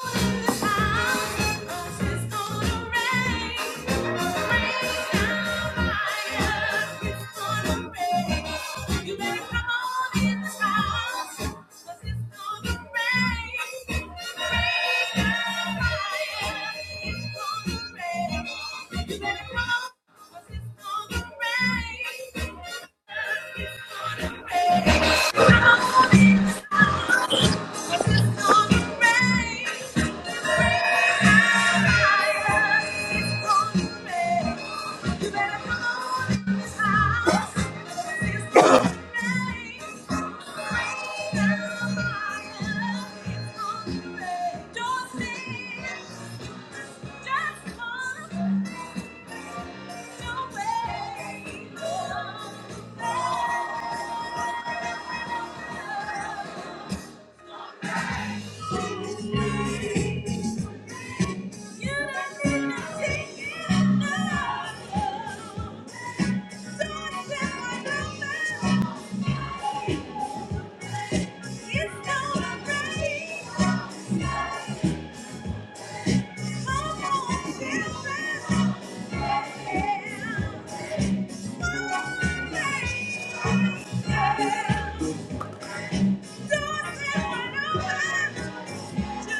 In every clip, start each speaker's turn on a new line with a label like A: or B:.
A: It's gonna rain. Thank you. Yeah. Thank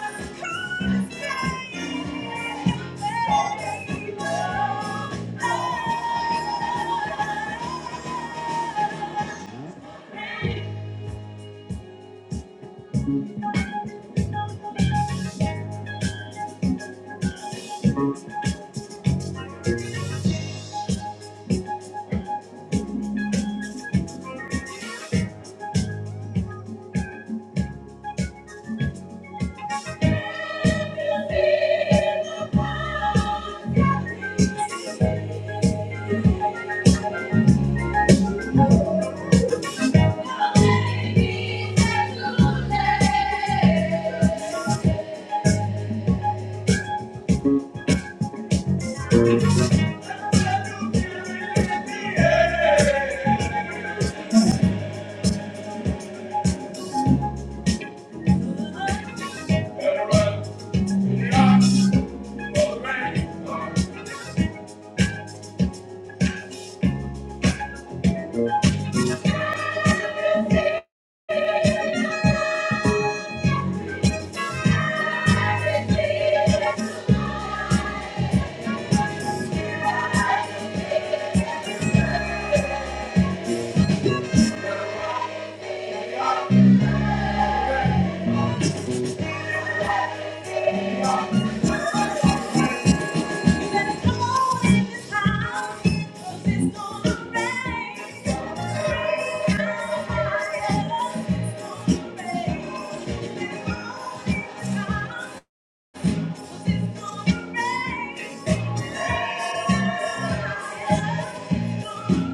A: you.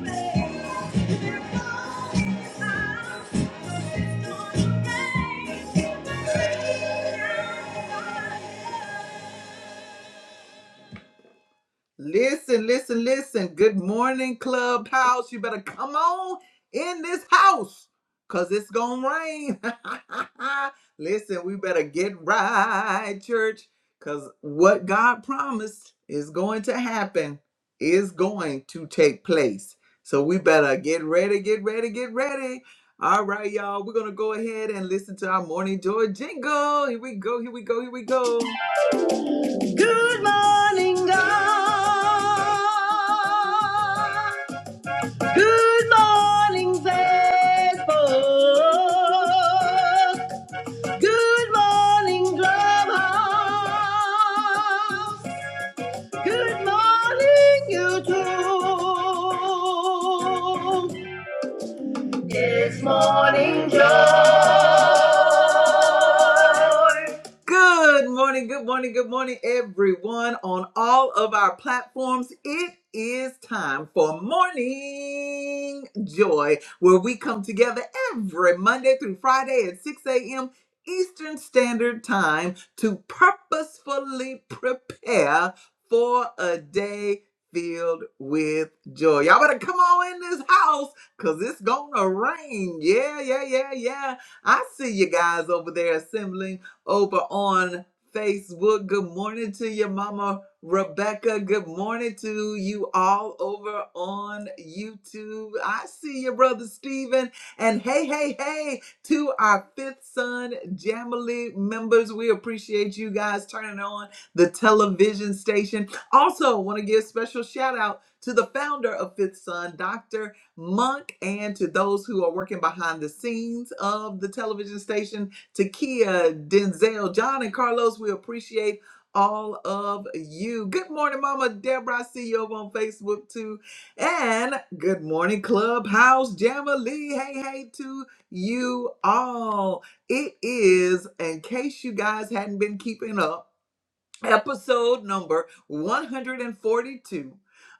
A: Thank you. Listen, listen, listen. Good morning, Clubhouse. You better come on in this house because it's going to rain. listen, we better get right, church, because what God promised is going to happen, is going to take place. So we better get ready, get ready, get ready. All right, y'all. We're going to go ahead and listen to our morning joy jingle. Here we go, here we go, here we go. Good morning, good morning, good morning, everyone on all of our platforms. It is time for Morning Joy, where we come together every Monday through Friday at 6 a.m. Eastern Standard Time to purposefully prepare for a day filled with joy. Y'all better come on in this house Cause it's gonna rain. Yeah, yeah, yeah, yeah. I see you guys over there assembling over on Facebook. Good morning to your mama Rebecca. Good morning to you all over on YouTube. I see your brother Steven. And hey, hey, hey, to our fifth son Jamily members. We appreciate you guys turning on the television station. Also, want to give a special shout out to the founder of Fifth Son, Dr. Monk and to those who are working behind the scenes of the television station, Takia, Denzel, John, and Carlos. We appreciate all of you. Good morning, Mama Deborah. I see you over on Facebook too. And good morning, Clubhouse Jamily. Hey, hey to you all. It is, in case you guys hadn't been keeping up episode number 142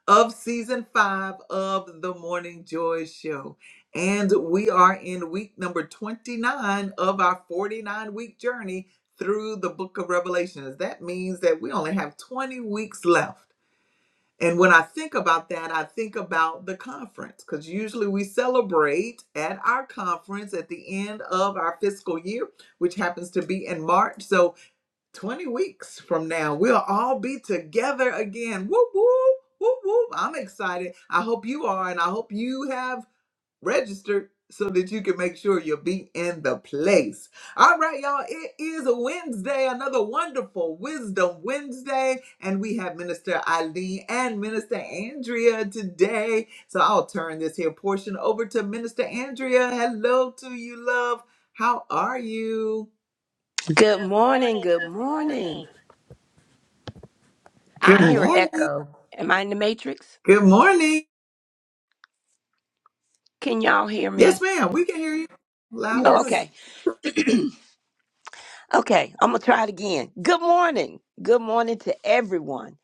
A: of season five of the Morning Joy Show. And we are in week number 29 of our 49 week journey through the book of Revelations. That means that we only have 20 weeks left. And when I think about that, I think about the conference because usually we celebrate at our conference at the end of our fiscal year, which happens to be in March. So 20 weeks from now, we'll all be together again. Whoop, whoop, whoop, whoop. I'm excited. I hope you are, and I hope you have registered so that you can make sure you'll be in the place. All right, y'all, it is a Wednesday, another wonderful Wisdom Wednesday, and we have Minister Eileen and Minister Andrea today. So I'll turn this here portion over to Minister Andrea. Hello to you, love. How are you?
B: Good morning. Good morning. I
A: Good
B: hear
A: morning.
B: echo. Am I in the matrix?
A: Good morning.
B: Can y'all hear
A: Yes,
B: me?
A: ma'am. We can hear you loud and
B: Oh,
A: clear.
C: Yes.
B: okay. Okay. I'm going to try it again. Good morning. Good morning to everyone.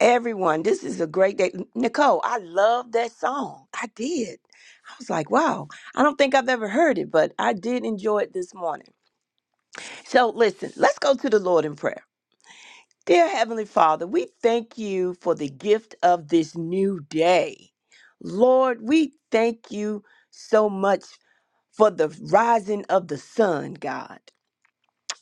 B: Everyone. This is a great day. Nicole, I love that song. I did. I was like, wow. I don't think I've ever heard it, but I did enjoy it this morning. So listen, let's go to the Lord in prayer. Dear Heavenly Father, we thank you for the gift of this new day. Lord, we thank you so much for the rising of the sun, God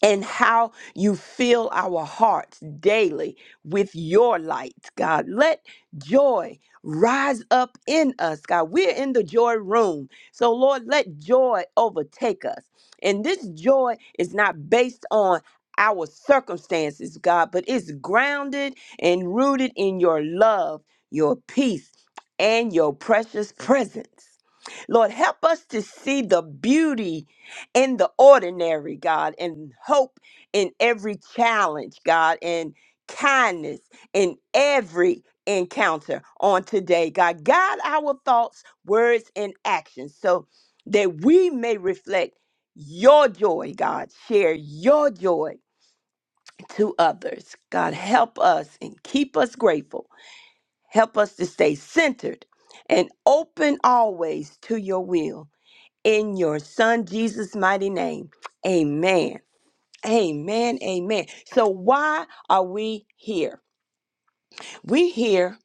B: and how you fill our hearts daily with your light, God. Let joy rise up in us, God. We're in the joy room. So, Lord, let joy overtake us. And this joy is not based on our circumstances, God, but it's grounded and rooted in your love, your peace, and your precious presence. Lord, help us to see the beauty in the ordinary, God, and hope in every challenge, God, and kindness in every encounter on today, God. Guide our thoughts, words, and actions so that we may reflect your joy, God. Share your joy to others. God, help us and keep us grateful. Help us to stay centered and open always to your will in your son Jesus' mighty name. Amen. Amen. Amen. So why are we here? We're here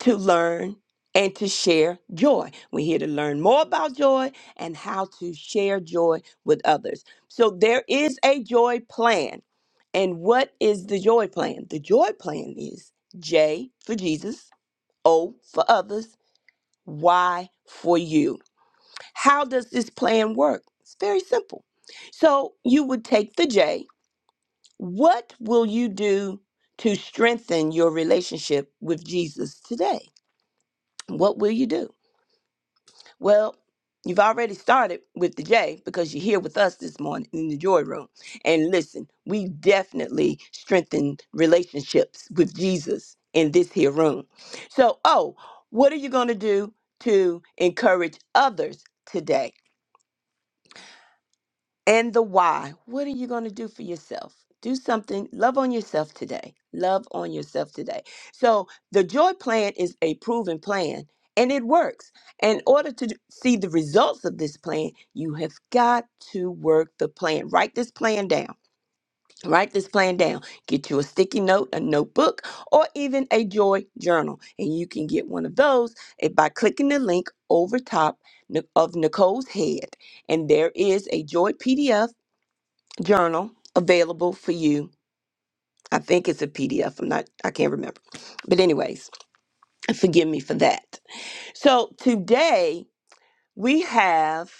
B: to learn and to share joy. We're here to learn more about joy and how to share joy with others. So there is a joy plan. And what is the joy plan? The joy plan is J for Jesus, O for others, Y for you. How does this plan work? It's very simple. So you would take the J. What will you do to strengthen your relationship with Jesus today? What will you do? Well, you've already started with the J because you're here with us this morning in the joy room. And listen, we definitely strengthen relationships with Jesus in this here room. So, oh, what are you going to do to encourage others today? And the why. What are you going to do for yourself? Do something. Love on yourself today. Love on yourself today. So, the joy plan is a proven plan and it works. In order to d- see the results of this plan, you have got to work the plan. Write this plan down. Write this plan down. Get you a sticky note, a notebook, or even a joy journal. And you can get one of those eh, by clicking the link over top Nic- of Nicole's head. And there is a joy PDF journal available for you. I think it's a PDF. I'm not, I can't remember. But, anyways, forgive me for that. So, today we have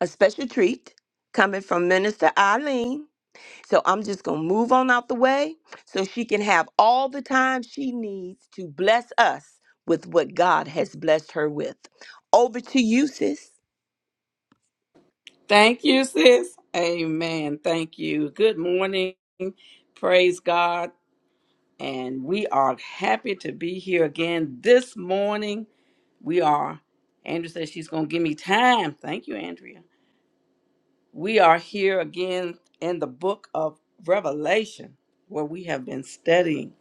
B: a special treat coming from Minister Eileen. So, I'm just going to move on out the way so she can have all the time she needs to bless us with what God has blessed her with. Over to you, sis.
C: Thank you, sis. Amen. Thank you. Good morning. Praise God. And we are happy to be here again this morning. We are, Andrea says she's going to give me time. Thank you, Andrea. We are here again in the book of Revelation where we have been studying.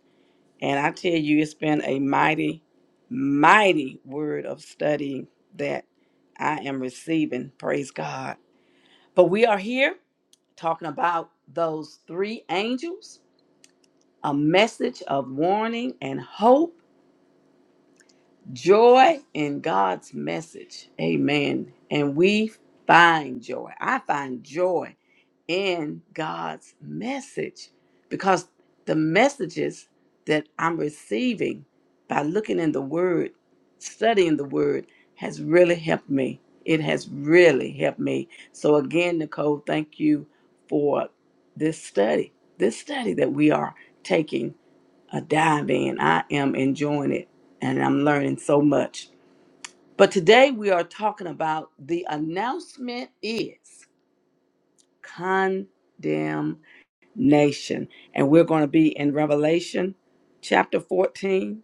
C: And I tell you, it's been a mighty, mighty word of studying that I am receiving. Praise God. But we are here talking about those three angels, a message of warning and hope, joy in God's message. Amen. And we find joy. I find joy in God's message because the messages that I'm receiving by looking in the Word, studying the Word, has really helped me. It has really helped me. So, again, Nicole, thank you for this study, this study that we are taking a dive in. I am enjoying it and I'm learning so much. But today we are talking about the announcement is condemned nation. And we're going to be in Revelation chapter 14.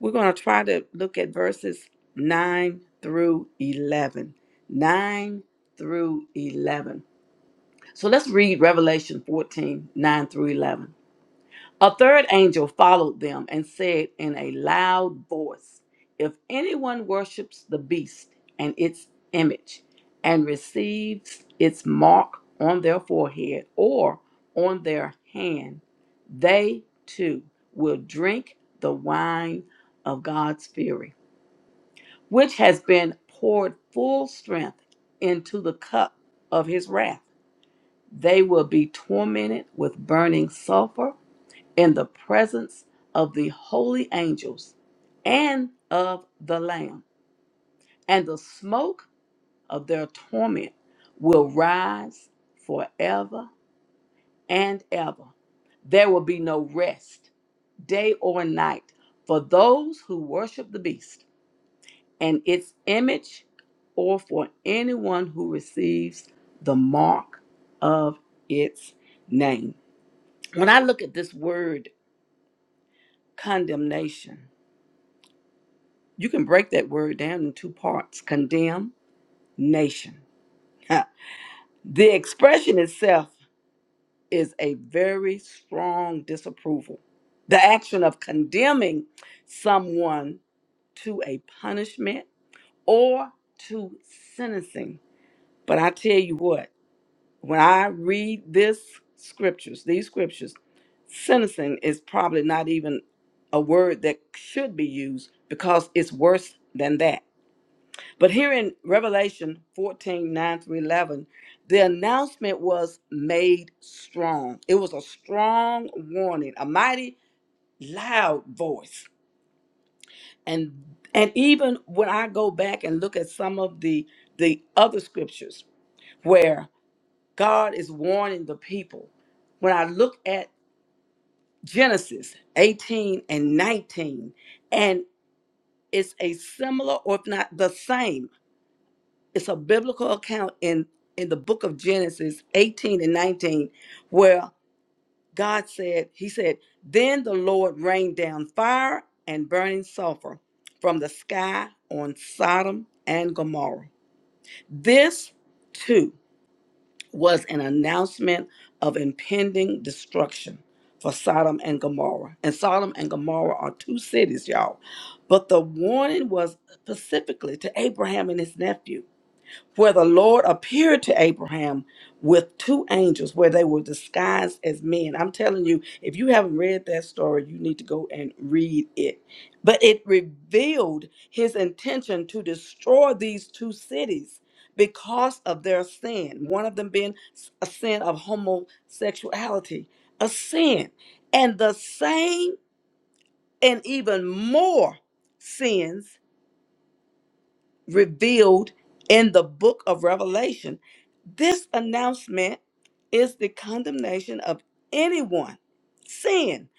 C: We're going to try to look at verses 9 through 11. 9 through 11. So let's read Revelation 14 9 through 11. A third angel followed them and said in a loud voice, If anyone worships the beast and its image and receives its mark on their forehead or on their hand, they too will drink the wine of God's fury, which has been poured full strength into the cup of his wrath. They will be tormented with burning sulfur in the presence of the holy angels and of the Lamb, and the smoke of their torment will rise forever and ever. There will be no rest, day or night, for those who worship the beast and its image, or for anyone who receives the mark of its name. When I look at this word condemnation, You can break that word down in two parts condemn, nation. the expression itself is a very strong disapproval. The action of condemning someone to a punishment or to sentencing. But I tell you what, when I read this scriptures, these scriptures, sentencing is probably not even a word that should be used because it's worse than that. But here in Revelation 14 9 through 11, the announcement was made strong. It was a strong warning, a mighty loud voice. And and even when I go back and look at some of the the other scriptures where God is warning the people, when I look at Genesis 18 and 19, and it's a similar, or if not the same it's a biblical account in in the book of Genesis 18 and 19 where God said he said then the Lord rained down fire and burning sulfur from the sky on Sodom and Gomorrah this too was an announcement of impending destruction for Sodom and Gomorrah and Sodom and Gomorrah are two cities y'all but the warning was specifically to Abraham and his nephew where the Lord appeared to Abraham with two angels, where they were disguised as men. I'm telling you, if you haven't read that story, you need to go and read it. But it revealed his intention to destroy these two cities because of their sin, one of them being a sin of homosexuality, a sin. And the same and even more sins revealed in the book of Revelation. This announcement is the condemnation of anyone, sin,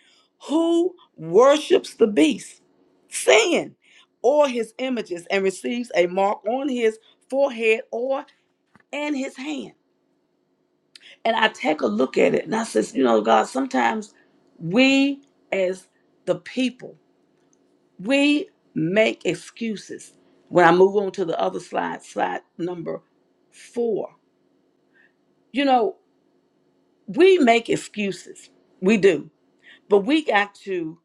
C: who worships the beast, sin, or his images, and receives a mark on his forehead or in his hand. And I take a look at it and I says, you know, God, sometimes we as the people we make excuses. When I move on to the other slide, slide number four, you know, we make excuses. We do. But we got to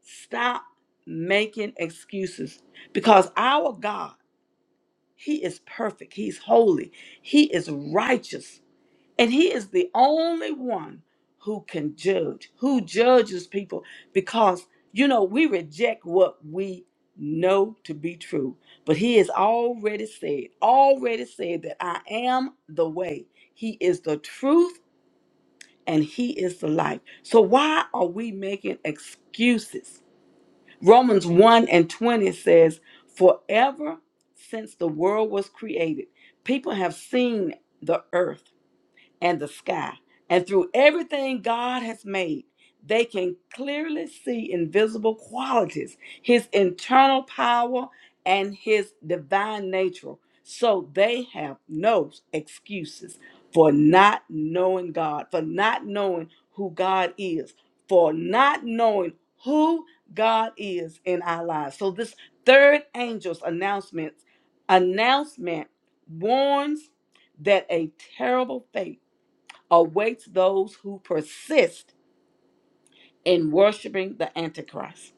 C: stop making excuses because our God, He is perfect, He's holy, He is righteous. And he is the only one who can judge, who judges people because, you know, we reject what we know to be true. But he has already said, already said that I am the way. He is the truth and he is the life. So why are we making excuses? Romans 1 and 20 says, Forever since the world was created, people have seen the earth and the sky. And through everything God has made, they can clearly see invisible qualities, his internal power and his divine nature. So they have no excuses for not knowing God, for not knowing who God is, for not knowing who God is in our lives. So this third angel's announcement announcement warns that a terrible fate awaits those who persist in worshiping the Antichrist.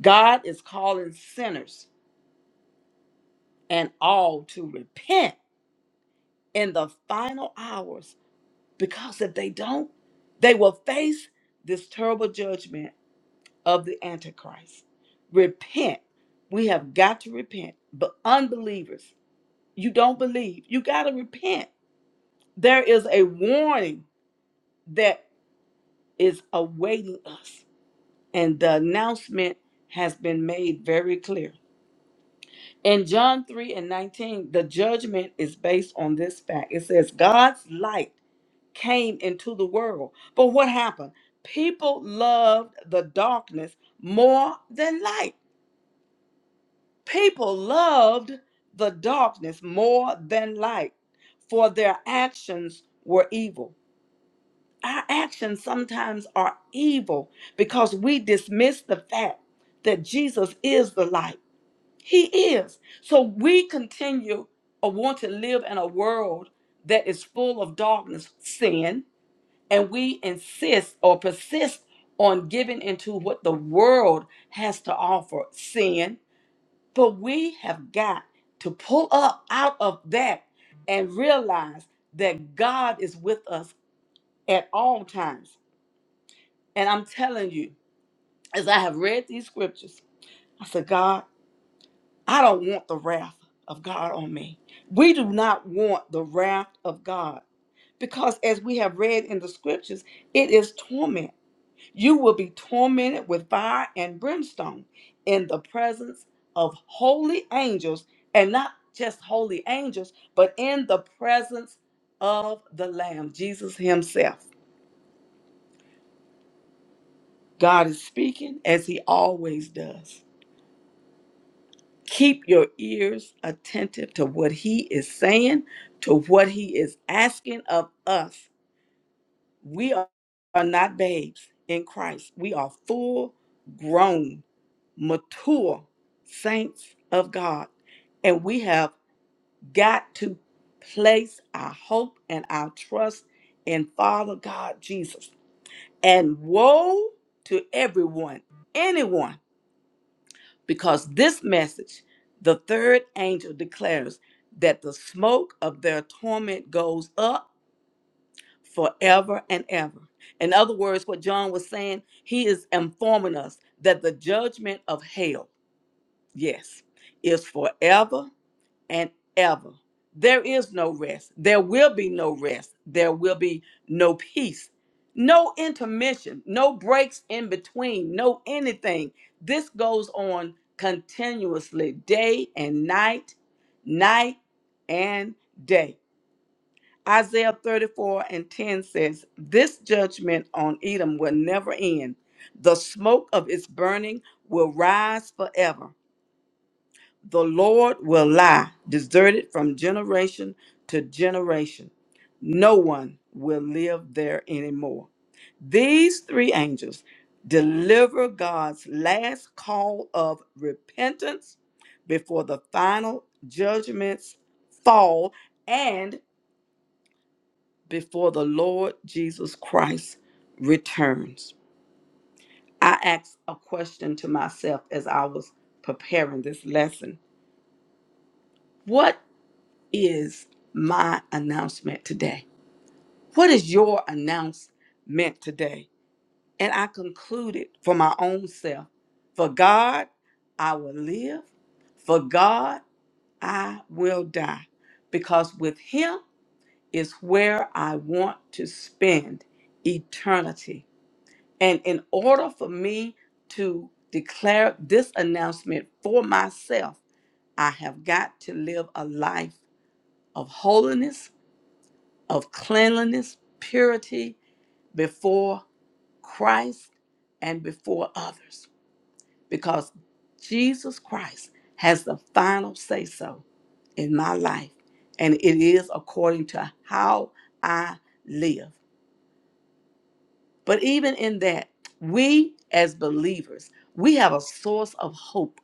C: God is calling sinners and all to repent in the final hours because if they don't, they will face this terrible judgment of the Antichrist. Repent. We have got to repent. But unbelievers, you don't believe, you got to repent. There is a warning that is awaiting us. and the announcement has been made very clear. In John 3 and 19, the judgment is based on this fact. It says, God's light came into the world. But what happened? People loved the darkness more than light. People loved the darkness more than light, for their actions were evil. Our actions sometimes are evil because we dismiss the fact that Jesus is the light He is. So we continue or want to live in a world that is full of darkness, sin, and we insist or persist on giving into what the world has to offer, sin. But we have got to pull up out of that and realize that God is with us at all times. And I'm telling you, as I have read these scriptures, I said, God. I don't want the wrath of God on me. We do not want the wrath of God because, as we have read in the scriptures, it is torment. You will be tormented with fire and brimstone in the presence of holy angels, and not just holy angels, but in the presence of the Lamb, Jesus Himself. God is speaking as He always does. Keep your ears attentive to what he is saying, to what he is asking of us. We are are not babes in Christ. We are full grown, mature saints of God. And we have got to place our hope and our trust in Father God Jesus. And woe to everyone, anyone because this message, the third angel declares that the smoke of their torment goes up forever and ever. In other words, what John was saying, he is informing us that the judgment of hell, yes, is forever and ever. There is no rest. There will be no rest. There will be no peace, no intermission, no breaks in between, no anything. This goes on continuously, day and night, night and day. Isaiah 34 and 10 says, This judgment on Edom will never end. The smoke of its burning will rise forever the Lord will lie deserted from generation to generation. No one will live there anymore. These three angels deliver God's last call of repentance before the final judgments fall and before the Lord Jesus Christ returns. I asked a question to myself as I was preparing this lesson. What is my announcement today? What is your announcement today? And I concluded for my own self for God, I will live. For God, I will die. Because with Him is where I want to spend eternity. And in order for me to declare this announcement for myself, I have got to live a life of holiness of cleanliness, purity before Christ and before others, because Jesus Christ has the final say so in my life, and it is according to how I live. But even in that, we as believers, we have a source of hope.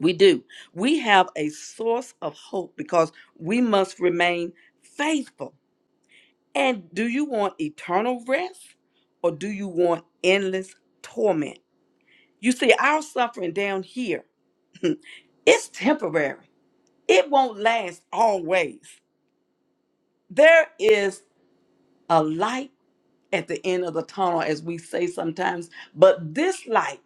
C: We do. We have a source of hope because we must remain faithful And do you want eternal rest or do you want endless torment? You see, our suffering down here, it's temporary. It won't last always. There is a light at the end of the tunnel, as we say sometimes, but this light,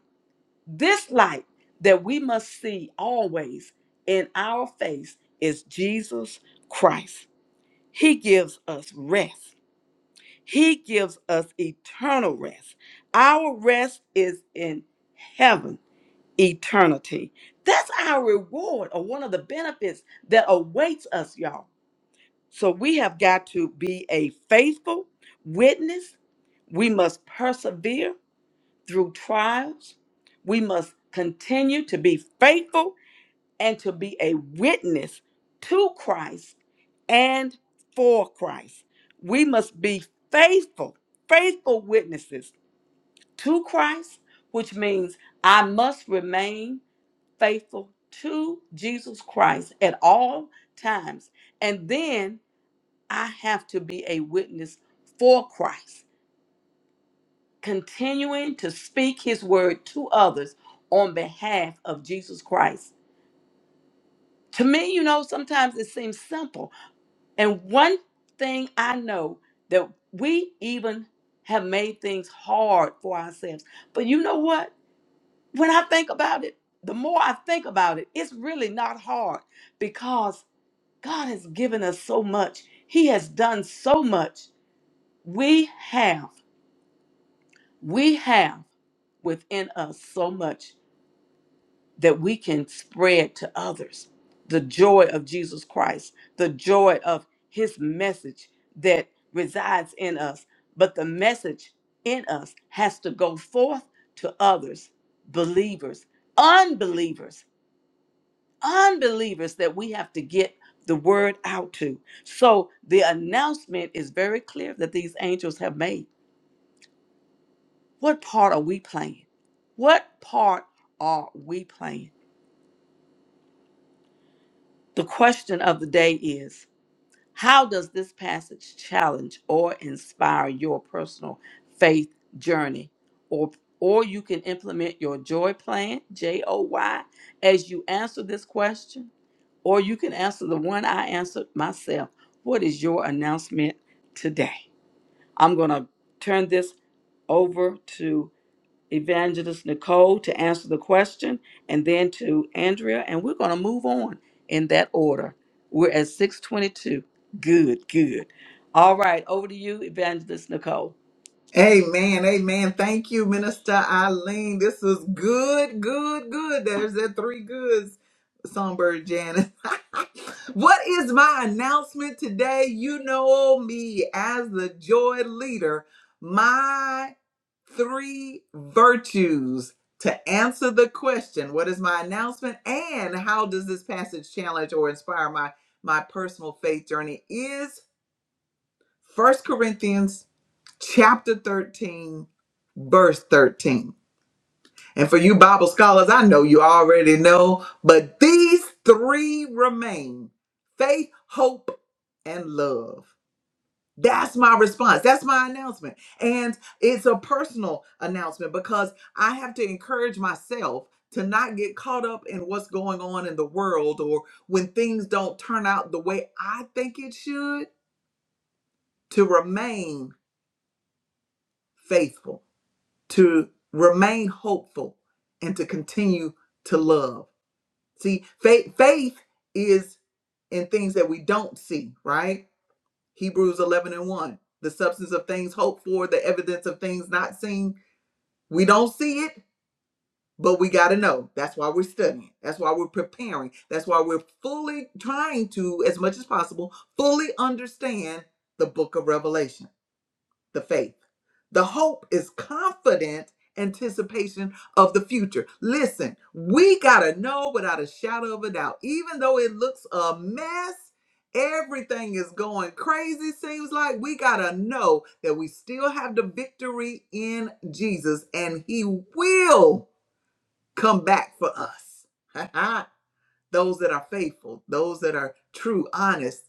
C: this light that we must see always in our face is Jesus Christ. He gives us rest. He gives us eternal rest. Our rest is in heaven, eternity. That's our reward or one of the benefits that awaits us, y'all. So we have got to be a faithful witness. We must persevere through trials. We must continue to be faithful and to be a witness to Christ and for Christ. We must be faithful, faithful witnesses to Christ, which means I must remain faithful to Jesus Christ at all times. And then I have to be a witness for Christ, continuing to speak his word to others on behalf of Jesus Christ. To me, you know, sometimes it seems simple And one thing I know that we even have made things hard for ourselves. But you know what? When I think about it, the more I think about it, it's really not hard because God has given us so much. He has done so much. We have, we have within us so much. that we can spread to others the joy of Jesus Christ, the joy of his message that resides in us. But the message in us has to go forth to others, believers, unbelievers, unbelievers that we have to get the word out to. So the announcement is very clear that these angels have made. What part are we playing? What part are we playing? The question of the day is How does this passage challenge or inspire your personal faith journey? Or, or you can implement your joy plan, J O Y, as you answer this question, or you can answer the one I answered myself. What is your announcement today? I'm going to turn this over to Evangelist Nicole to answer the question, and then to Andrea, and we're going to move on in that order. We're at 622. Good, good. All right, over to you, Evangelist Nicole.
A: Amen. Amen. Thank you, Minister Eileen. This is good, good, good. There's that three goods, Songbird Janice. what is my announcement today? You know me as the joy leader. My three virtues to answer the question what is my announcement and how does this passage challenge or inspire my my personal faith journey is First Corinthians chapter 13, verse 13. And for you Bible scholars, I know you already know, but these three remain faith, hope, and love. That's my response. That's my announcement. And it's a personal announcement because I have to encourage myself to not get caught up in what's going on in the world or when things don't turn out the way I think it should, to remain faithful to remain hopeful and to continue to love. See, faith, faith is in things that we don't see, right? Hebrews 11 and 1, the substance of things hoped for, the evidence of things not seen. We don't see it, but we got to know. That's why we're studying. That's why we're preparing. That's why we're fully trying to, as much as possible, fully understand the book of Revelation the faith. The hope is confident anticipation of the future. Listen, we got to know without a shadow of a doubt, even though it looks a mess, everything is going crazy, seems like we got to know that we still have the victory in Jesus and He will come back for us. those that are faithful, those that are true, honest,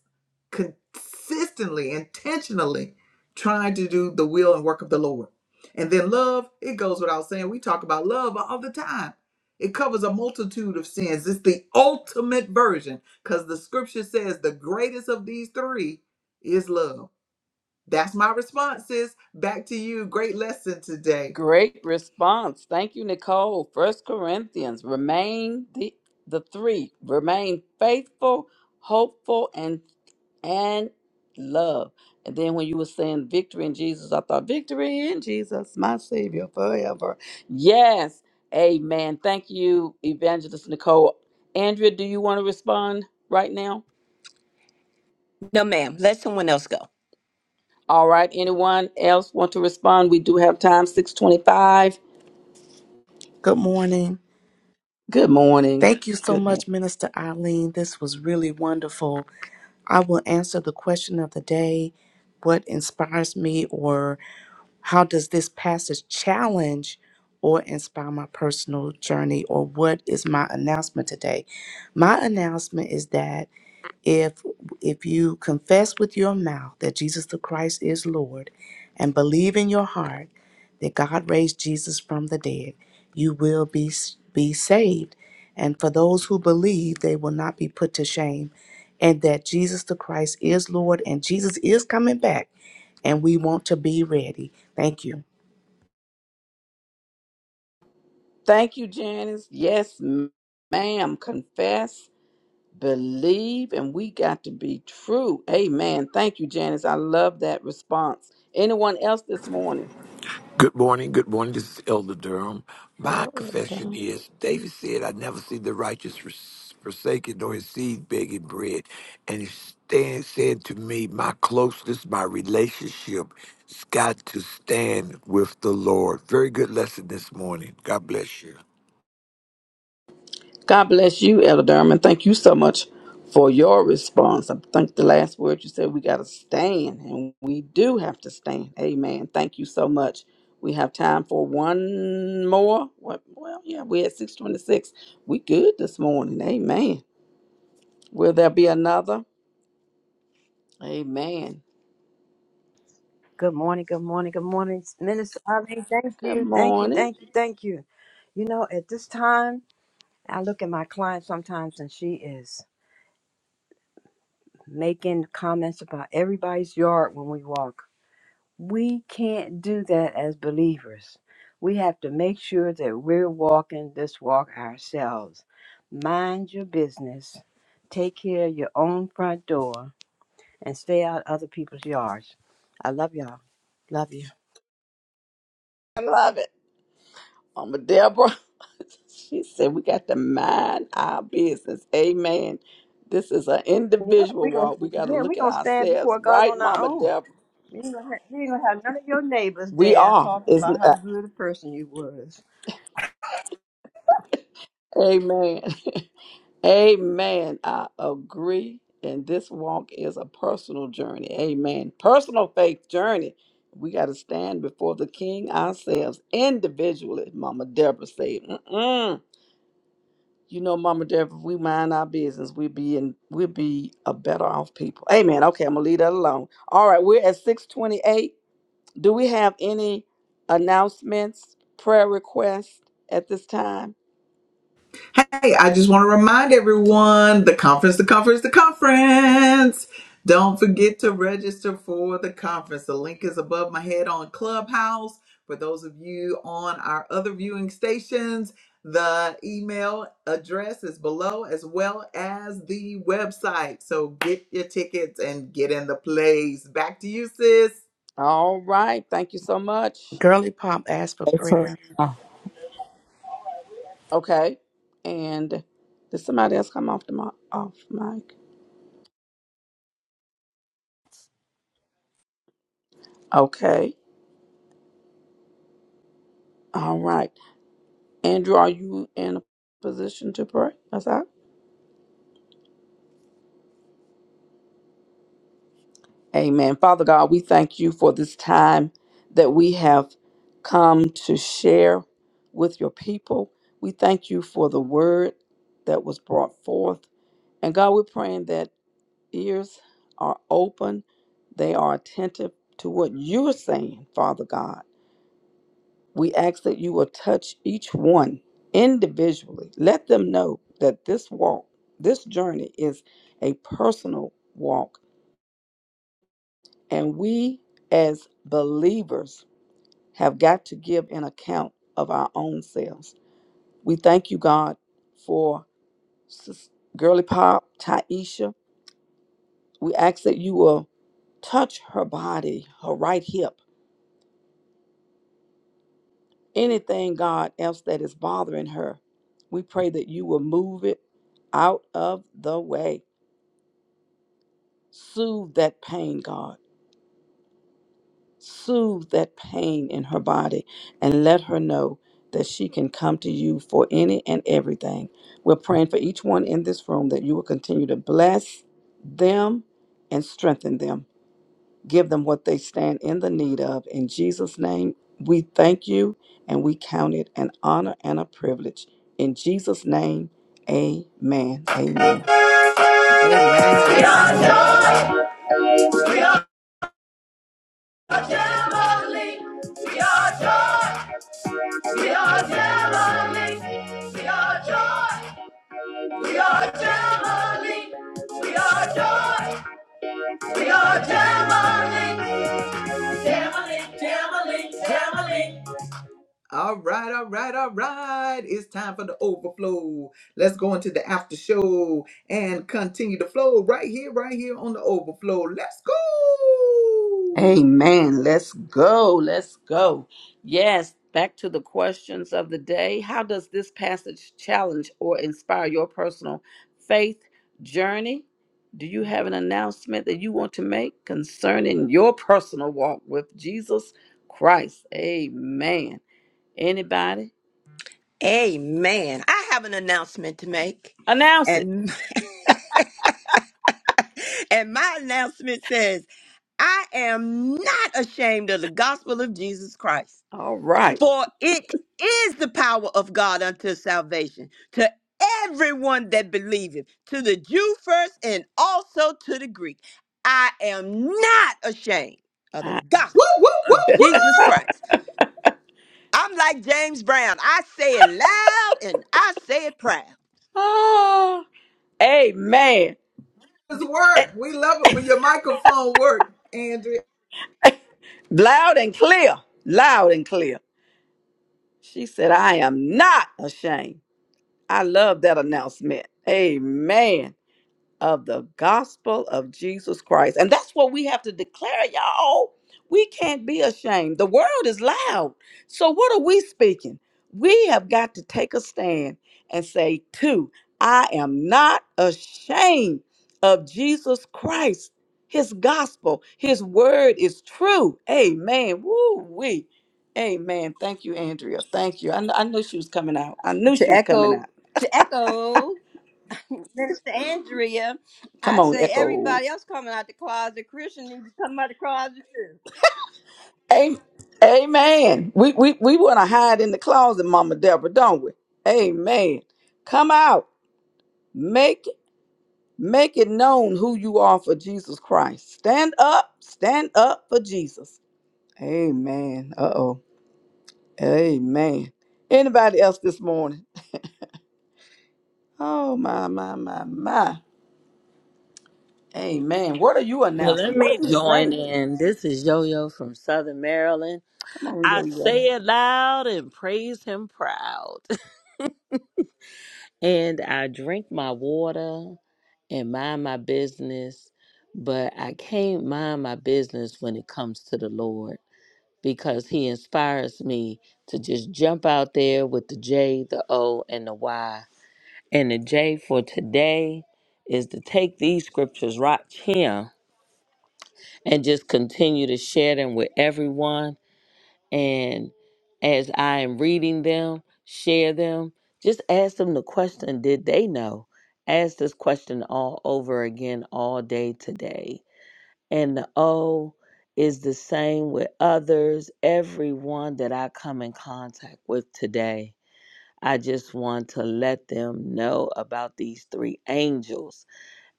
A: consistently, intentionally trying to do the will and work of the Lord. And then love, it goes without saying. We talk about love all the time. It covers a multitude of sins. It's the ultimate version because the scripture says the greatest of these three is love. That's my response, sis. Back to you. Great lesson today.
C: Great response. Thank you, Nicole. First Corinthians. Remain the the three. Remain faithful, hopeful, and and love. And then when you were saying victory in Jesus, I thought victory in Jesus, my Savior forever. Yes. Amen. Thank you, Evangelist Nicole. Andrea, do you want to respond right now?
B: No, ma'am, let someone else go.
C: All right. Anyone else want to respond? We do have time, 625.
D: Good morning.
C: Good morning.
D: Thank you so
C: Good morning.
D: much, Minister Eileen. This was really wonderful. I will answer the question of the day what inspires me, or how does this passage challenge or inspire my personal journey, or what is my announcement today? My announcement is that if if you confess with your mouth that Jesus the Christ is Lord and believe in your heart that God raised Jesus from the dead, you will be s- be saved. And for those who believe, they will not be put to shame. And that Jesus the Christ is Lord and Jesus is coming back and we want to be ready. Thank you.
C: Thank you, Janice. Yes, m- ma'am. Confess, believe, and we got to be true. Amen. Thank you, Janice. I love that response. Anyone else this morning?
E: Good morning. Good morning. This is Elder Durham. My
C: Hello, Elder
E: confession
C: Durham.
E: is David said, I never see the righteous forsaken forsaken nor his seed begging bread. And he stand, said to me, My closeness, my relationship has got to stand with the Lord. Very good lesson this morning. God bless you.
C: God bless you, Elder Durham, And thank you so much for your response. I think the last word you said, we got to stand, and we do have to stand. Amen. Thank you so much. We have time for one more. What- Well, yeah, we're at 626. We good this morning. Amen. Will there be another? Amen.
F: Good morning, good morning, good morning, Minister Ali. Thank
C: Good
F: you, thank you,
C: morning.
F: thank you, thank you. You know, at this time, I look at my client sometimes and she is making comments about everybody's yard when we walk. We can't do that as believers. We have to make sure that we're walking this walk ourselves. Mind your business, take care of your own front door, and stay out of other people's yards. I love y'all. Love you.
C: I love it. Mama Deborah. She said we got to mind our business. Amen. This is an
F: Yeah,
C: individual
F: we gonna
C: walk. We got to
F: yeah, we
C: look at
F: gonna stand
C: ourselves,
F: before God
C: right,
F: on our
C: Mama
F: own.
C: Deborah?
F: We ain't, gonna have, we ain't gonna have none of your neighbors
C: We
F: there
C: are.
F: talking
C: Is
F: about how good a person you was.
C: Amen. Amen. I agree. And this walk is a personal journey. Amen. Personal faith journey. We got to stand before the King ourselves individually. Mama Deborah said, Mm-mm. "You know, Mama Deborah, if we mind our business, we be in, we be a better off people." Amen. Okay, I'm gonna leave that alone. All right, we're at six twenty eight. Do we have any announcements, prayer requests at this time?
A: Hey, I just want to remind everyone the conference, the conference, the conference. Don't forget to register for the conference. The link is above my head on Clubhouse. For those of you on our other viewing stations, the email address is below as well as the website. So get your tickets and get in the plays. Back to you, sis.
C: All right. Thank you so much.
D: Girly Pop asked for
G: Hey, for
D: prayer.
G: real.
C: Okay. And did somebody else come off the mic? Off mic. Okay. All right. Andrew, are you in a position to pray? That's all. Amen. Father God, we thank you for this time that we have come to share with your people. We thank you for the word that was brought forth. And God, we're praying that ears are open, they are attentive to what you're saying, Father God We ask that you will touch each one individually. Let them know that this walk, this journey is a personal walk, and we as believers have got to give an account of our own selves. We thank you, God, for Sis- Girly Pop, Taisha. We ask that you will touch her body, her right hip Anything, God, else that is bothering her, we pray that you will move it out of the way. Soothe that pain, God. Soothe that pain in her body and let her know that she can come to you for any and everything. We're praying for each one in this room that you will continue to bless them and strengthen them. Give them what they stand in the need of. In Jesus' name, we thank you and we count it an honor and a privilege. In Jesus' name, amen. Amen.
A: We are joy. We are family. We are joy. We are Jamali. We are joy. We are Jamali. We are joy. We are Jamali. Jamali, Jamali, Jamali. All right, all right, all right. It's time for the overflow. Let's go into the after show and continue the flow right here, right here on the overflow. Let's go.
C: Amen. Let's go. Let's go. Yes, back to the questions of the day. How does this passage challenge or inspire your personal faith journey? Do you have an announcement that you want to make concerning your personal walk with Jesus Christ? Amen. Anybody?
B: Amen. I have an announcement to make.
C: Announce it.
B: and. And my announcement says, I am not ashamed of the gospel of Jesus Christ,
C: All right.
B: for it is the power of God unto salvation to everyone that believeth, to the Jew first and also to the Greek. I am not ashamed of the
C: I-
A: Woo,
B: gospel
A: woo, woo,
B: of
A: woo.
B: Jesus Christ. I'm like James Brown. I say it loud and I say it proud.
C: Ah, amen.
A: It's work. We love it when your microphone works, Andrea.
C: Loud and clear. Loud and clear. She said, I am not ashamed. I love that announcement. Amen. of the gospel of Jesus Christ. And that's what we have to declare, y'all. We can't be ashamed. The world is loud. So, what are we speaking? We have got to take a stand and say, too, I am not ashamed of Jesus Christ. His gospel, his word is true. Amen. Woo wee. Amen. Thank you, Andrea. Thank you. I, kn- I knew she was coming out. I knew she
F: To
C: was coming
F: echo,
C: out.
F: to echo, Minister Andrea,
C: Come
F: I
C: on,
F: say
C: Echo.
F: everybody else coming out the closet, Christian needs to come out the closet too.
C: Am- Amen. We we, we want to hide in the closet, Mama Deborah, don't we? Amen. Come out. Make make it known who you are for Jesus Christ. Stand up. Stand up for Jesus. Amen. Uh oh. Amen. Anybody else this morning? Oh my my my my. Amen. What are you
G: Well,
C: announcing?
G: let
C: What
G: me
C: are you
G: join
C: saying?
G: in. This is Yo Yo from Southern Maryland.
C: Come on,
G: I
C: yo yo.
G: say it loud and praise him proud. and I drink my water and mind my business, but I can't mind my business when it comes to the Lord because he inspires me to just jump out there with the J, the O, and the Y. And the J for today is to take these scriptures right here and just continue to share them with everyone. And as I am reading them, share them. Just ask them the question Did they know? Ask this question all over again all day today. And the O is the same with others, everyone that I come in contact with today. I just want to let them know about these three angels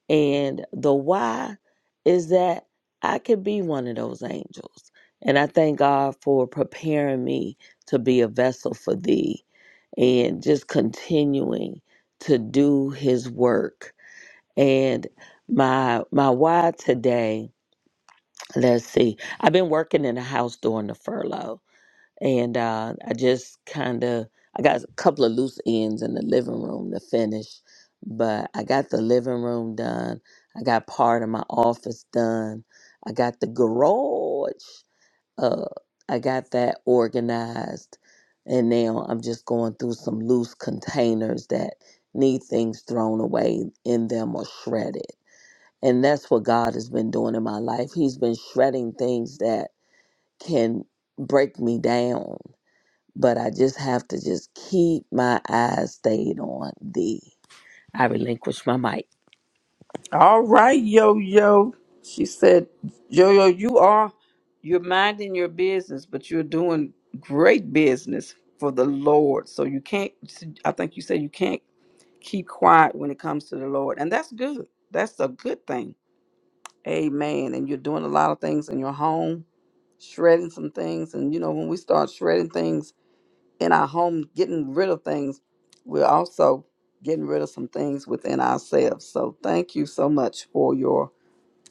G: and the why is that I could be one of those angels. And I thank God for preparing me to be a vessel for thee and just continuing to do his work. And my my why today, let's see. I've been working in the house during the furlough and uh, I just kind of I got a couple of loose ends in the living room to finish, but I got the living room done. I got part of my office done. I got the garage. Uh, I got that organized, and now I'm just going through some loose containers that need things thrown away in them or shredded. And that's what God has been doing in my life. He's been shredding things that can break me down but I just have to just keep my eyes stayed on thee. I relinquish my mic.
C: All right, yo yo. She said, Yo yo, you are you're minding your business, but you're doing great business for the Lord. So you can't I think you said you can't keep quiet when it comes to the Lord. And that's good. That's a good thing. Amen. And you're doing a lot of things in your home, shredding some things. And you know, when we start shredding things in our home, getting rid of things, we're also getting rid of some things within ourselves. So thank you so much for your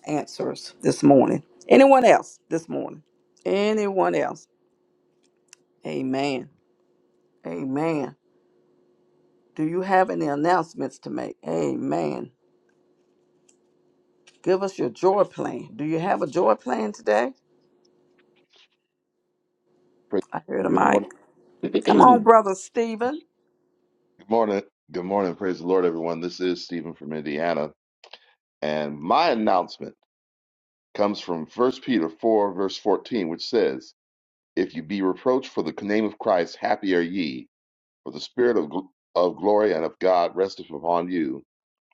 C: answers this morning. Anyone else this morning? Anyone else? Amen. Amen. Do you have any announcements to make? Amen. Give us your joy plan. Do you have a joy plan today?
H: Praise
C: I hear the
H: the
C: mic.
H: Lord. Good
C: Come on,
H: morning.
C: Brother Stephen.
H: Good morning. Good morning. Praise the Lord, everyone. This is Stephen from Indiana. And my announcement comes from First Peter 4, verse 14, which says, If you be reproached for the name of Christ, happy are ye, for the Spirit of, gl- of glory and of God resteth upon you.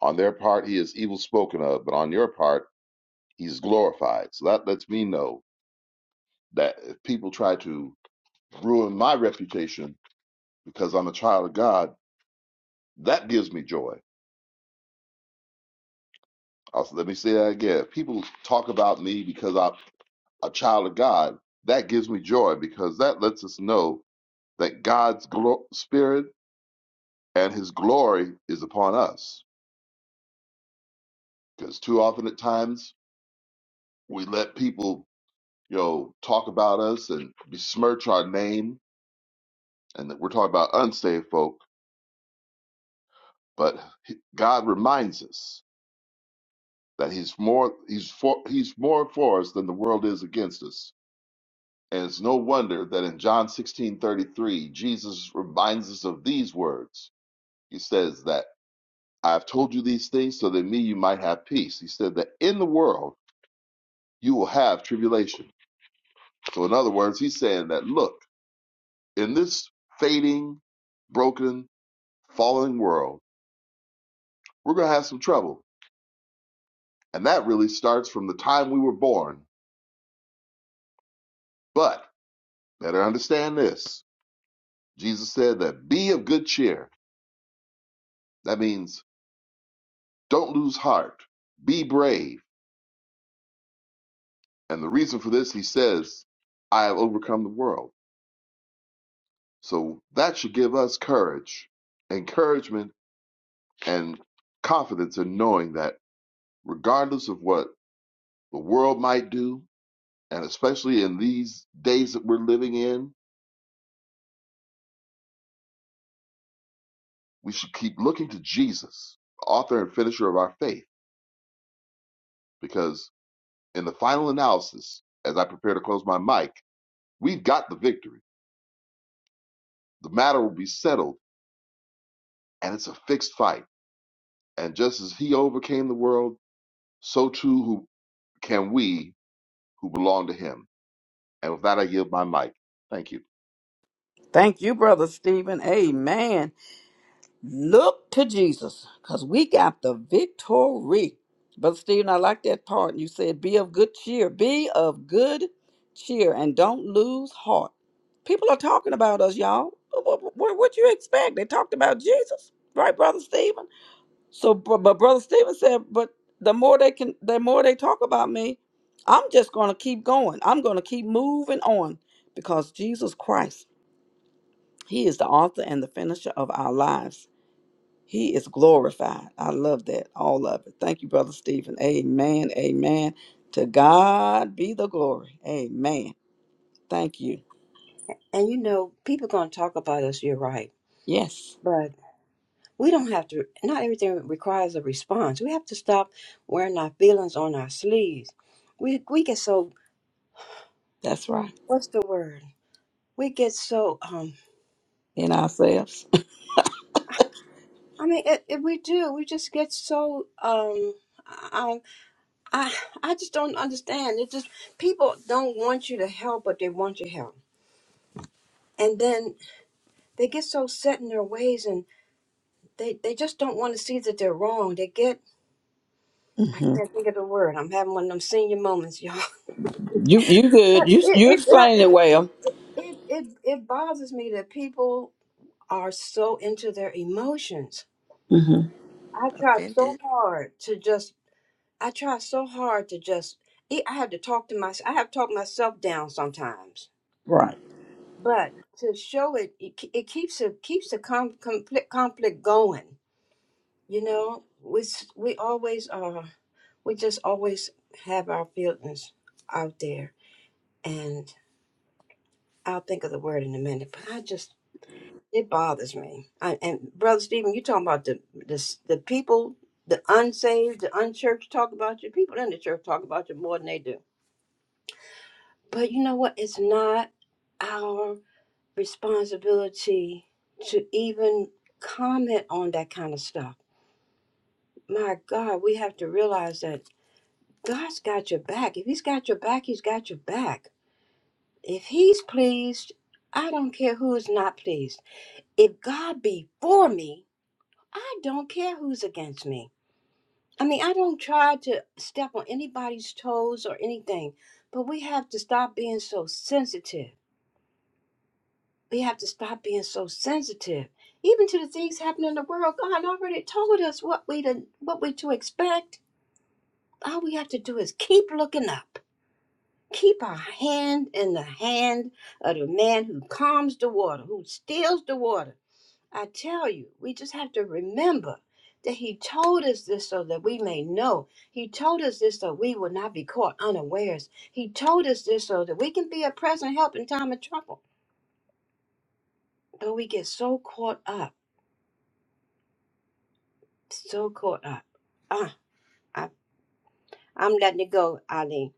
H: On their part, he is evil spoken of, but on your part, he is glorified. So that lets me know that if people try to ruin my reputation because I'm a child of God, that gives me joy Also, let me say that again. People talk about me because I'm a child of God. That gives me joy because that lets us know that God's glo- spirit and his glory is upon us. Because too often at times we let people, you know, talk about us and besmirch our name. And that we're talking about unsaved folk, but he- God reminds us that he's more, he's for, he's more for us than the world is against us. And it's no wonder that in John 16:33, Jesus reminds us of these words. He says that I've told you these things so that in me you might have peace. He said that in the world you will have tribulation. So in other words, he's saying that look, in this fading, broken, fallen world, we're going to have some trouble. And that really starts from the time we were born. But better understand this. Jesus said that be of good cheer. That means don't lose heart. Be brave And the reason for this, he says, I have overcome the world. So that should give us courage, encouragement, and confidence in knowing that regardless of what the world might do, and especially in these days that we're living in, we should keep looking to Jesus, the author and finisher of our faith, because in the final analysis, as I prepare to close my mic, we've got the victory. The matter will be settled, and it's a fixed fight. And just as he overcame the world, so too who can we who belong to him. And with that, I give my mic. Thank you.
C: Thank you, Brother Stephen. Amen. Look to Jesus, because we got the victory. Brother Stephen, I like that part. You said, be of good cheer. Be of good cheer and don't lose heart. People are talking about us, y'all. What, what, what you expect? They talked about Jesus, right, Brother Stephen? So, br- but Brother Stephen said, but the more they can, the more they talk about me, I'm just going to keep going. I'm going to keep moving on because Jesus Christ, He is the author and the finisher of our lives. He is glorified. I love that. All of it. Thank you, Brother Stephen. Amen. Amen. To God be the glory. Amen. Thank you.
F: And you know, people gonna talk about us. You're right,
C: Yes,
F: but we don't have to. Not everything requires a response. We have to stop wearing our feelings on our sleeves. We we get so
C: that's right.
F: what's the word? we get so um
C: In ourselves.
F: i mean it, it, we do we just get so um I, I i just don't understand it just people don't want you to help but they want your help and then they get so set in their ways and they they just don't want to see that they're wrong they get i
C: hmm
F: can't think of the word i'm having one of them senior moments y'all
C: You you good.
F: but
C: You
F: it
C: you
F: it
C: explained it
F: it
C: well.
F: it, it, it, it bothers me that people are so into their emotions
C: hmm
F: I try so
D: Offended?
F: hard to just I try so hard to just, e- I have to talk to myself. I have talked myself down sometimes,
C: Right.
F: but to show it, it, ke- it keeps a keeps the com, conflict conflict going. You know, we s- we always are. We just always have our feelings out there, and I'll think of the word in a minute. But I just it bothers me. I, and brother Stephen, you talking about the the s- the people, the unsaved, the unchurched talk about you. People in the church talk about you more than they do But you know what? It's not our responsibility to even comment on that kind of stuff. My God, we have to realize that God's got your back. If He's got your back, He's got your back. If He's pleased, I don't care who is not pleased. If God be for me, I don't care who's against me. I mean, I don't try to step on anybody's toes or anything, but we have to stop being so sensitive We have to stop being so sensitive. Even to the things happening in the world, God already told us what we to, what we to expect. All we have to do is keep looking up. Keep our hand in the hand of the man who calms the water, who steals the water. I tell you, we just have to remember that he told us this so that we may know. He told us this so we will not be caught unawares. He told us this so that we can be a present help in time of trouble. But we get so caught up so caught up. Ah, I, I'm letting it go, Eileen.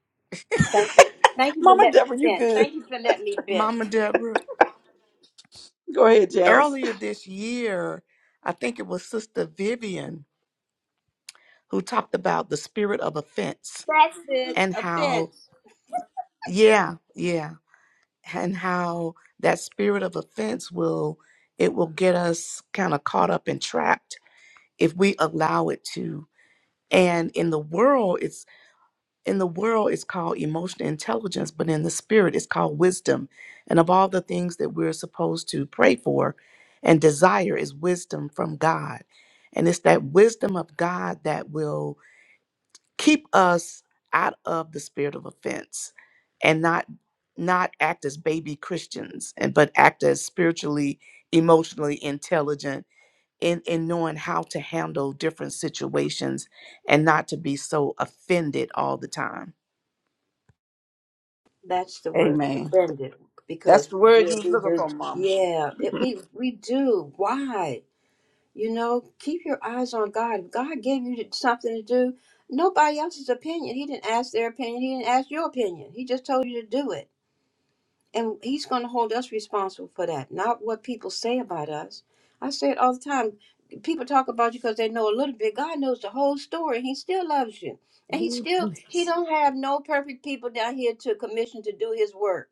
F: Thank you. Thank you for
C: Mama
F: letting me
C: Deborah, you
F: vent.
C: good.
F: Thank you for letting me vent.
D: Mama Deborah,
C: Go ahead, Janice.
D: earlier this year, I think it was Sister Vivian who talked about the spirit of offense
F: That's it.
D: and
F: A
D: how,
F: vent.
D: yeah, yeah, and how that spirit of offense will, it will get us kind of caught up and trapped if we allow it to. And in the world, it's, in the world, it's called emotional intelligence, but in the spirit, it's called wisdom. And of all the things that we're supposed to pray for and desire is wisdom from God. And it's that wisdom of God that will keep us out of the spirit of offense and not not act as baby christians and but act as spiritually emotionally intelligent in in knowing how to handle different situations and not to be so offended all the time
F: That's the word.
C: Amen.
F: Offended.
C: That's
F: Because
C: the
F: we
C: word you
F: do,
C: was
F: we
C: looking
F: do,
C: for, Mama.
F: yeah, it, we we do. Why? You know, keep your eyes on God. If God gave you something to do, nobody else's opinion. He didn't ask their opinion. He didn't ask your opinion. He just told you to do it And he's going to hold us responsible for that, not what people say about us. I say it all the time. People talk about you because they know a little bit. God knows the whole story. He still loves you. And he still, he
C: Jesus.
F: don't have no perfect people down here to commission to do his work.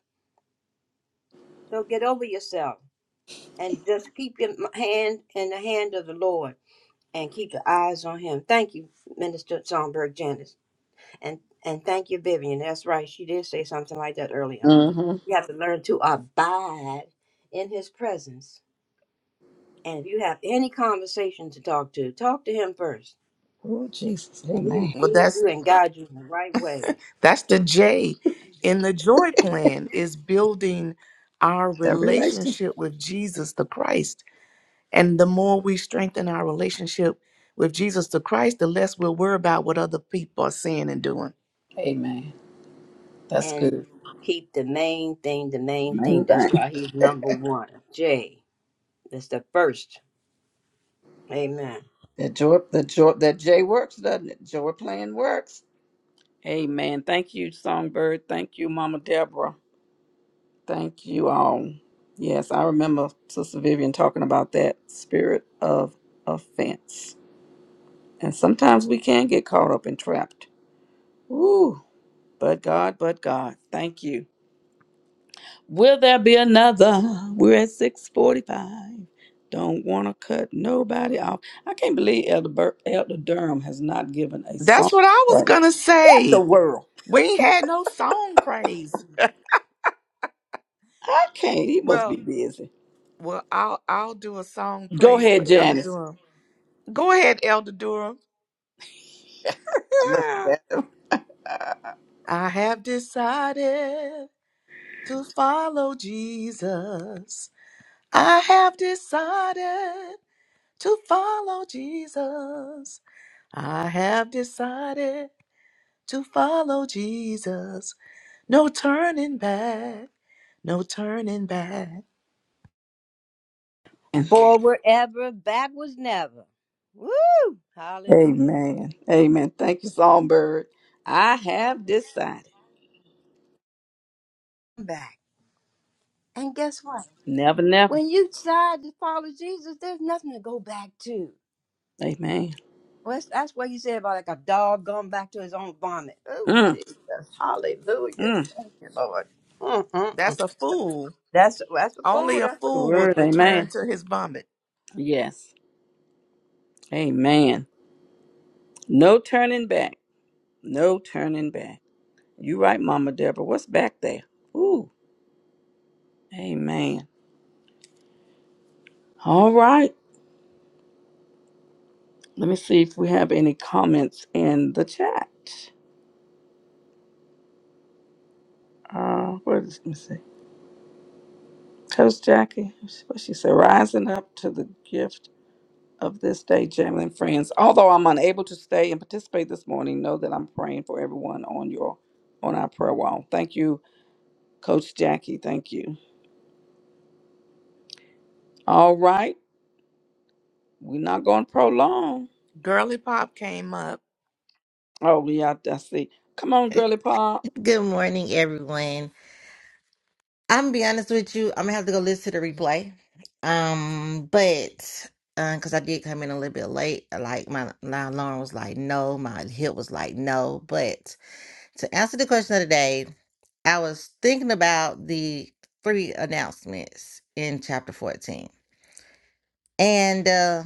F: So get over yourself and just keep your hand in the hand of the Lord and keep your eyes on him. Thank you, Minister Sonberg Janice. And and thank you, Vivian. That's right. She did say something like that earlier.
C: Mm-hmm.
F: You have to learn to abide in his presence. And if you have any conversation to talk to, talk to him first.
C: Oh, Jesus.
F: And he will
C: Amen.
D: well
F: lead
D: that's
F: you and guide you in the right way.
D: that's the j in the joy plan is building our
C: That relation.
D: relationship with jesus the christ And the more we strengthen our relationship with Jesus the Christ, the less we'll worry about what other people are saying and doing.
C: Amen. That's
F: And
C: good.
F: keep the main thing, the main thing.
C: Main
F: That's
C: thing.
F: why he's number one. J. That's the first. Amen.
C: That joy, the joy, that J works, doesn't it? Joy plan works. Amen. Thank you, Songbird. Thank you, Mama Deborah. Thank you all. Yes, I remember Sister Vivian talking about that spirit of offense. And sometimes we can get caught up and trapped. Ooh, but God, but God. Thank you. Will there be another? We're at 645. Don't want to cut nobody off. I can't believe Elder, Bur- Elder Durham has not given a song
D: That's what I was
C: for
D: gonna
C: the
D: say.
C: world.
D: We ain't had no song praise.
C: I can't. He must be
D: Well,
C: busy.
D: well, I'll I'll do a song
C: Go
D: praise
C: ahead,
D: for Elder
C: Janice.
D: Durham. Go ahead, Elder Durham.
C: I looked at
D: I have decided to follow Jesus. I have decided to follow Jesus. I have decided to follow Jesus. No turning back, no turning back.
F: Forward ever, backwards never. Woo! Hallelujah.
C: Amen. Amen. Thank you, Songbird. I have decided.
F: back. And guess what?
C: Never, never.
F: When you decide to follow Jesus, there's nothing to go back to.
C: Amen.
F: Well, that's, that's what you said about like a dog going back to his own vomit. Oh,
C: Mm,
F: Jesus. Hallelujah.
C: mm.
F: Thank you, Lord.
D: That's
F: Mm-mm-mm.
D: a fool.
F: That's, that's the
D: Only
F: food.
D: a
F: That's what
C: The
F: he's
D: fool would
C: word,
F: saying.
D: return
C: amen.
D: to his vomit.
C: Yes. Amen. No turning back. No turning back. You right, Mama Deborah. What's back there? Ooh, amen. All right. Let me see if we have any comments in the chat. Uh, what is, let me see. Coach Jackie, what she said, rising up to the gift of this day, Jamlin friends. Although I'm unable to stay and participate this morning, know that I'm praying for everyone on your on our prayer wall. Thank you, Coach Jackie. Thank you. All right. We're not going to prolong.
D: Girly Pop came up
C: Oh, yeah, I I see. Come on, girly pop.
I: Good morning, everyone. I'm gonna be honest with you. I'm gonna have to go listen to the replay. Um, but uh, cause I did come in a little bit late. Like my, my alarm was like no, my hip was like no. But to answer the question of the day, I was thinking about the three announcements in chapter 14. And uh,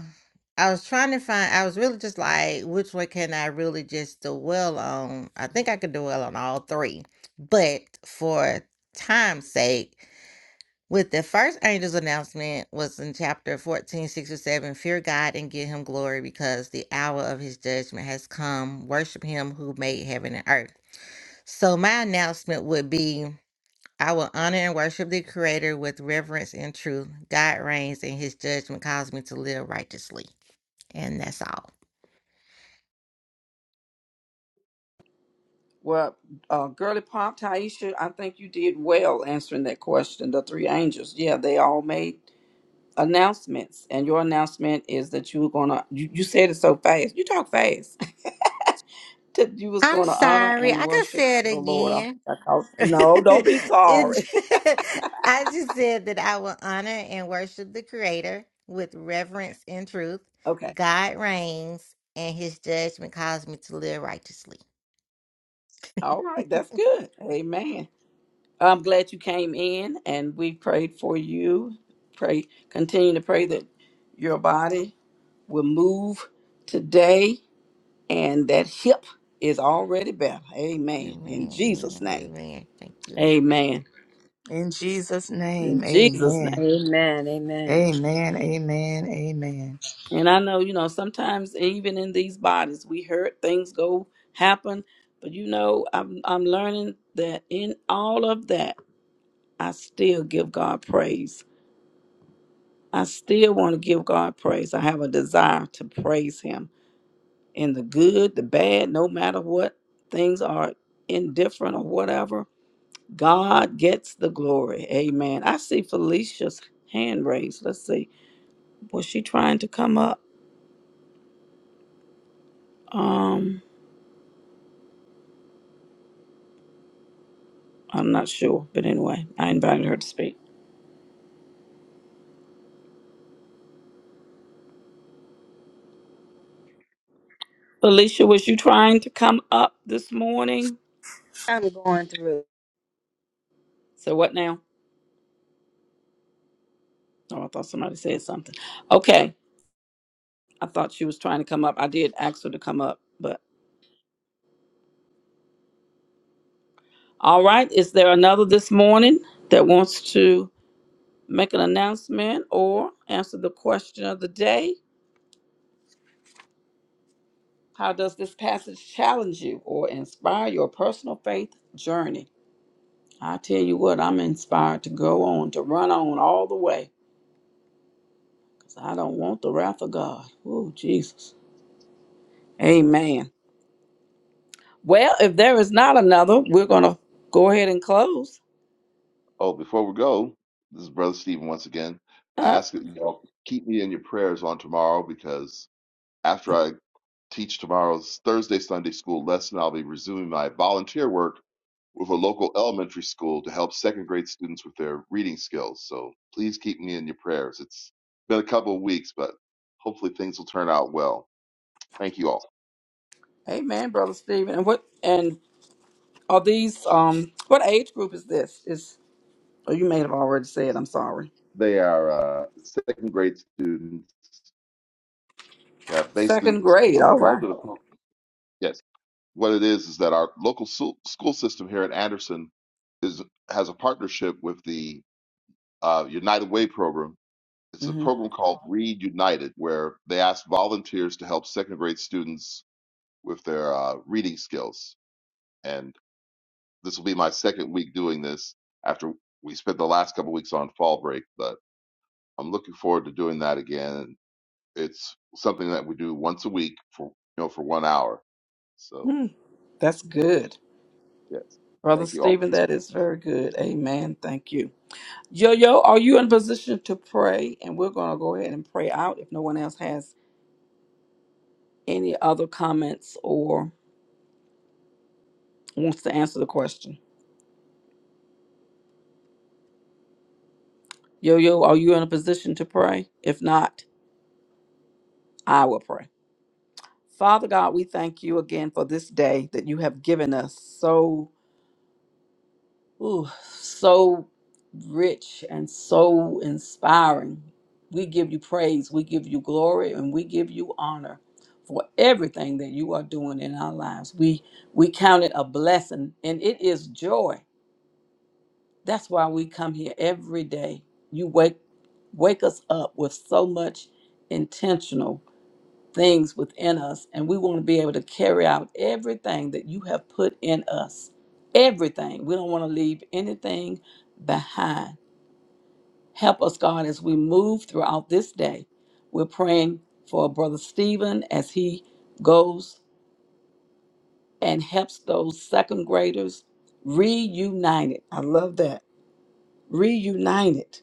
I: I was trying to find, I was really just like, which one can I really just dwell on? I think I could dwell on all three. But for time's sake, with the first angel's announcement was in chapter 14, six or 7, fear God and give him glory because the hour of his judgment has come. Worship him who made heaven and earth. So my announcement would be I will honor and worship the creator with reverence and truth. God reigns and his judgment calls me to live righteously. And that's all.
C: Well, uh, Girly Pop, Taisha, I think you did well answering that question. The three angels, yeah, they all made announcements, and your announcement is that you were gonna. You, you said it so fast. You talk fast. that you was
I: I'm
C: gonna honor
I: sorry.
C: and
I: I could
C: worship
I: say it
C: the Lord. I think
I: again.
C: I called. No, don't be
I: it,
C: sorry.
I: I just said that I will honor and worship the Creator with reverence and truth.
C: okay,
I: God reigns, and His judgment calls me to live righteously.
C: all right, that's good. Amen. I'm glad you came in, and we prayed for you. Pray, continue to pray that your body will move today and that hip is already better. Amen. In
I: Amen.
C: Jesus'
I: Amen.
C: name.
I: Amen. Thank you.
C: Amen.
D: in Jesus'
C: In
D: name.
C: Jesus' name.
D: Amen.
F: Amen. Amen.
D: Amen. Amen. Amen.
C: And I know, you know, sometimes even in these bodies, we hurt things go happen, but you know, I'm I'm learning that in all of that, I still give God praise. I still want to give God praise. I have a desire to praise Him in the good, the bad, no matter what things are indifferent or whatever. God gets the glory. Amen. I see Felicia's hand raised. Let's see. Was she trying to come up? Um, I'm not sure. But anyway, I invited her to speak. Felicia, was you trying to come up this morning?
F: I'm going through.
C: So what now? Oh, I thought somebody said something. Okay. I thought she was trying to come up. I did ask her to come up, but all right. Is there another this morning that wants to make an announcement or answer the question of the day? How does this passage challenge you or inspire your personal faith journey? I tell you what, I'm inspired to go on, to run on all the way, because I don't want the wrath of God. Oh, Jesus. Amen. Well, if there is not another, we're going to go ahead and close.
H: Oh, before we go, this is Brother Stephen once again. I
C: Uh-huh.
H: ask that you all keep me in your prayers on tomorrow because after I teach tomorrow's Thursday Sunday school lesson, I'll be resuming my volunteer work with a local elementary school to help second grade students with their reading skills. So please keep me in your prayers. It's been a couple of weeks, but hopefully things will turn out well. Thank you all.
C: Amen, Brother Stephen. And what, and are these, um, what age group is this? Is, oh, you may have already said, I'm sorry.
H: They are uh, second grade students. Yeah, basically,
C: Second grade.
H: I'm
C: All
H: involved
C: right.
H: in a pro- yes. What it is is that our local su- school system here at Anderson is has a partnership with the uh, United Way program. It's a
C: Mm-hmm.
H: program called Read United, where they ask volunteers to help second grade students with their uh, reading skills. And this will be my second week doing this after we spent the last couple weeks on fall break, but I'm looking forward to doing that again It's something that we do once a week for you know for one hour. So
C: Hmm, that's good.
H: yes,
C: Brother
H: thank you all.
C: Stephen, that is very good. Amen. Thank you. Yo, yo, are you in position to pray? And we're going to go ahead and pray out if no one else has any other comments or wants to answer the question. Yo, yo, are you in a position to pray? If not, I will pray. Father God, we thank you again for this day that you have given us. So Ooh, so rich and so inspiring. We give you praise, we give you glory, and we give you honor for everything that you are doing in our lives. We we count it a blessing, and it is joy. That's why we come here every day. You wake wake us up with so much intentional things within us, and we want to be able to carry out everything that you have put in us. Everything. We don't want to leave anything behind. Help us, God, as we move throughout this day. We're praying for Brother Stephen as he goes and helps those second graders reunited. I love that. Reunited.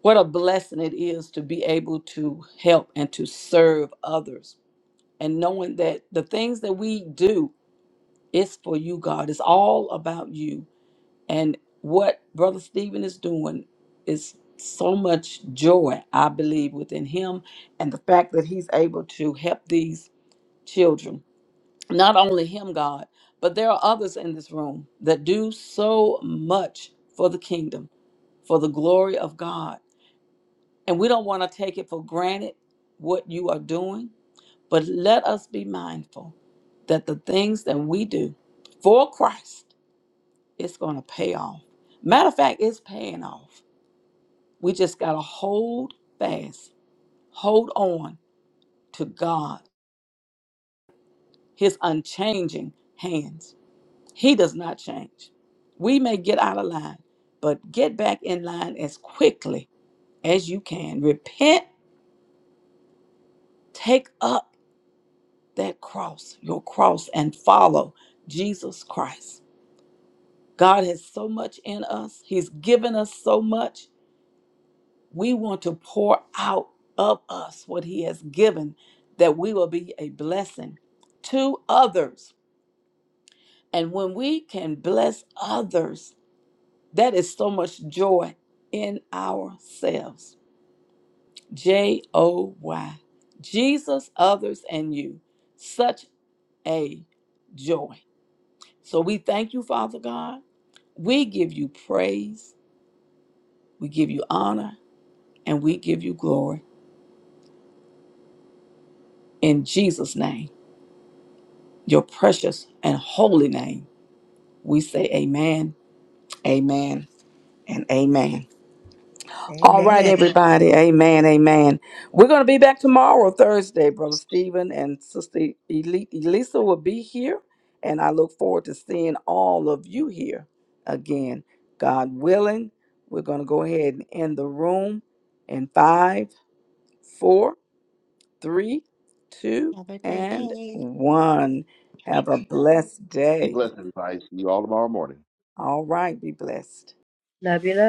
C: What a blessing it is to be able to help and to serve others and knowing that the things that we do It's for you, God. It's all about you. And what Brother Stephen is doing is so much joy, I believe, within him. And the fact that he's able to help these children. Not only him, God, but there are others in this room that do so much for the kingdom, for the glory of God. And we don't want to take it for granted what you are doing, but let us be mindful that the things that we do for Christ it's going to pay off. Matter of fact, it's paying off. We just got to hold fast, hold on to God, His unchanging hands. He does not change. We may get out of line, but get back in line as quickly as you can. Repent, take up that cross, your cross, and follow Jesus Christ. God has so much in us, He's given us so much. We want to pour out of us what He has given that we will be a blessing to others. And when we can bless others, that is so much joy in ourselves. J O Y. Jesus, others, and you. Such a joy. So we thank you, Father God. We give you praise, we give you honor, and we give you glory. In Jesus' name. your precious and holy name. We say amen, amen, and amen. All right,
D: Amen.
C: everybody. Amen, amen. We're going to be back tomorrow, Thursday. Brother Stephen and Sister Eli- Elisa will be here. And I look forward to seeing all of you here again. God willing, we're going to go ahead and end the room in five, four, three, two,
I: Have a great
C: and
I: day.
C: one. Have a blessed
H: Be
C: day.
H: blessed, everybody. See you all tomorrow morning.
C: All right. Be blessed.
F: Love you, love.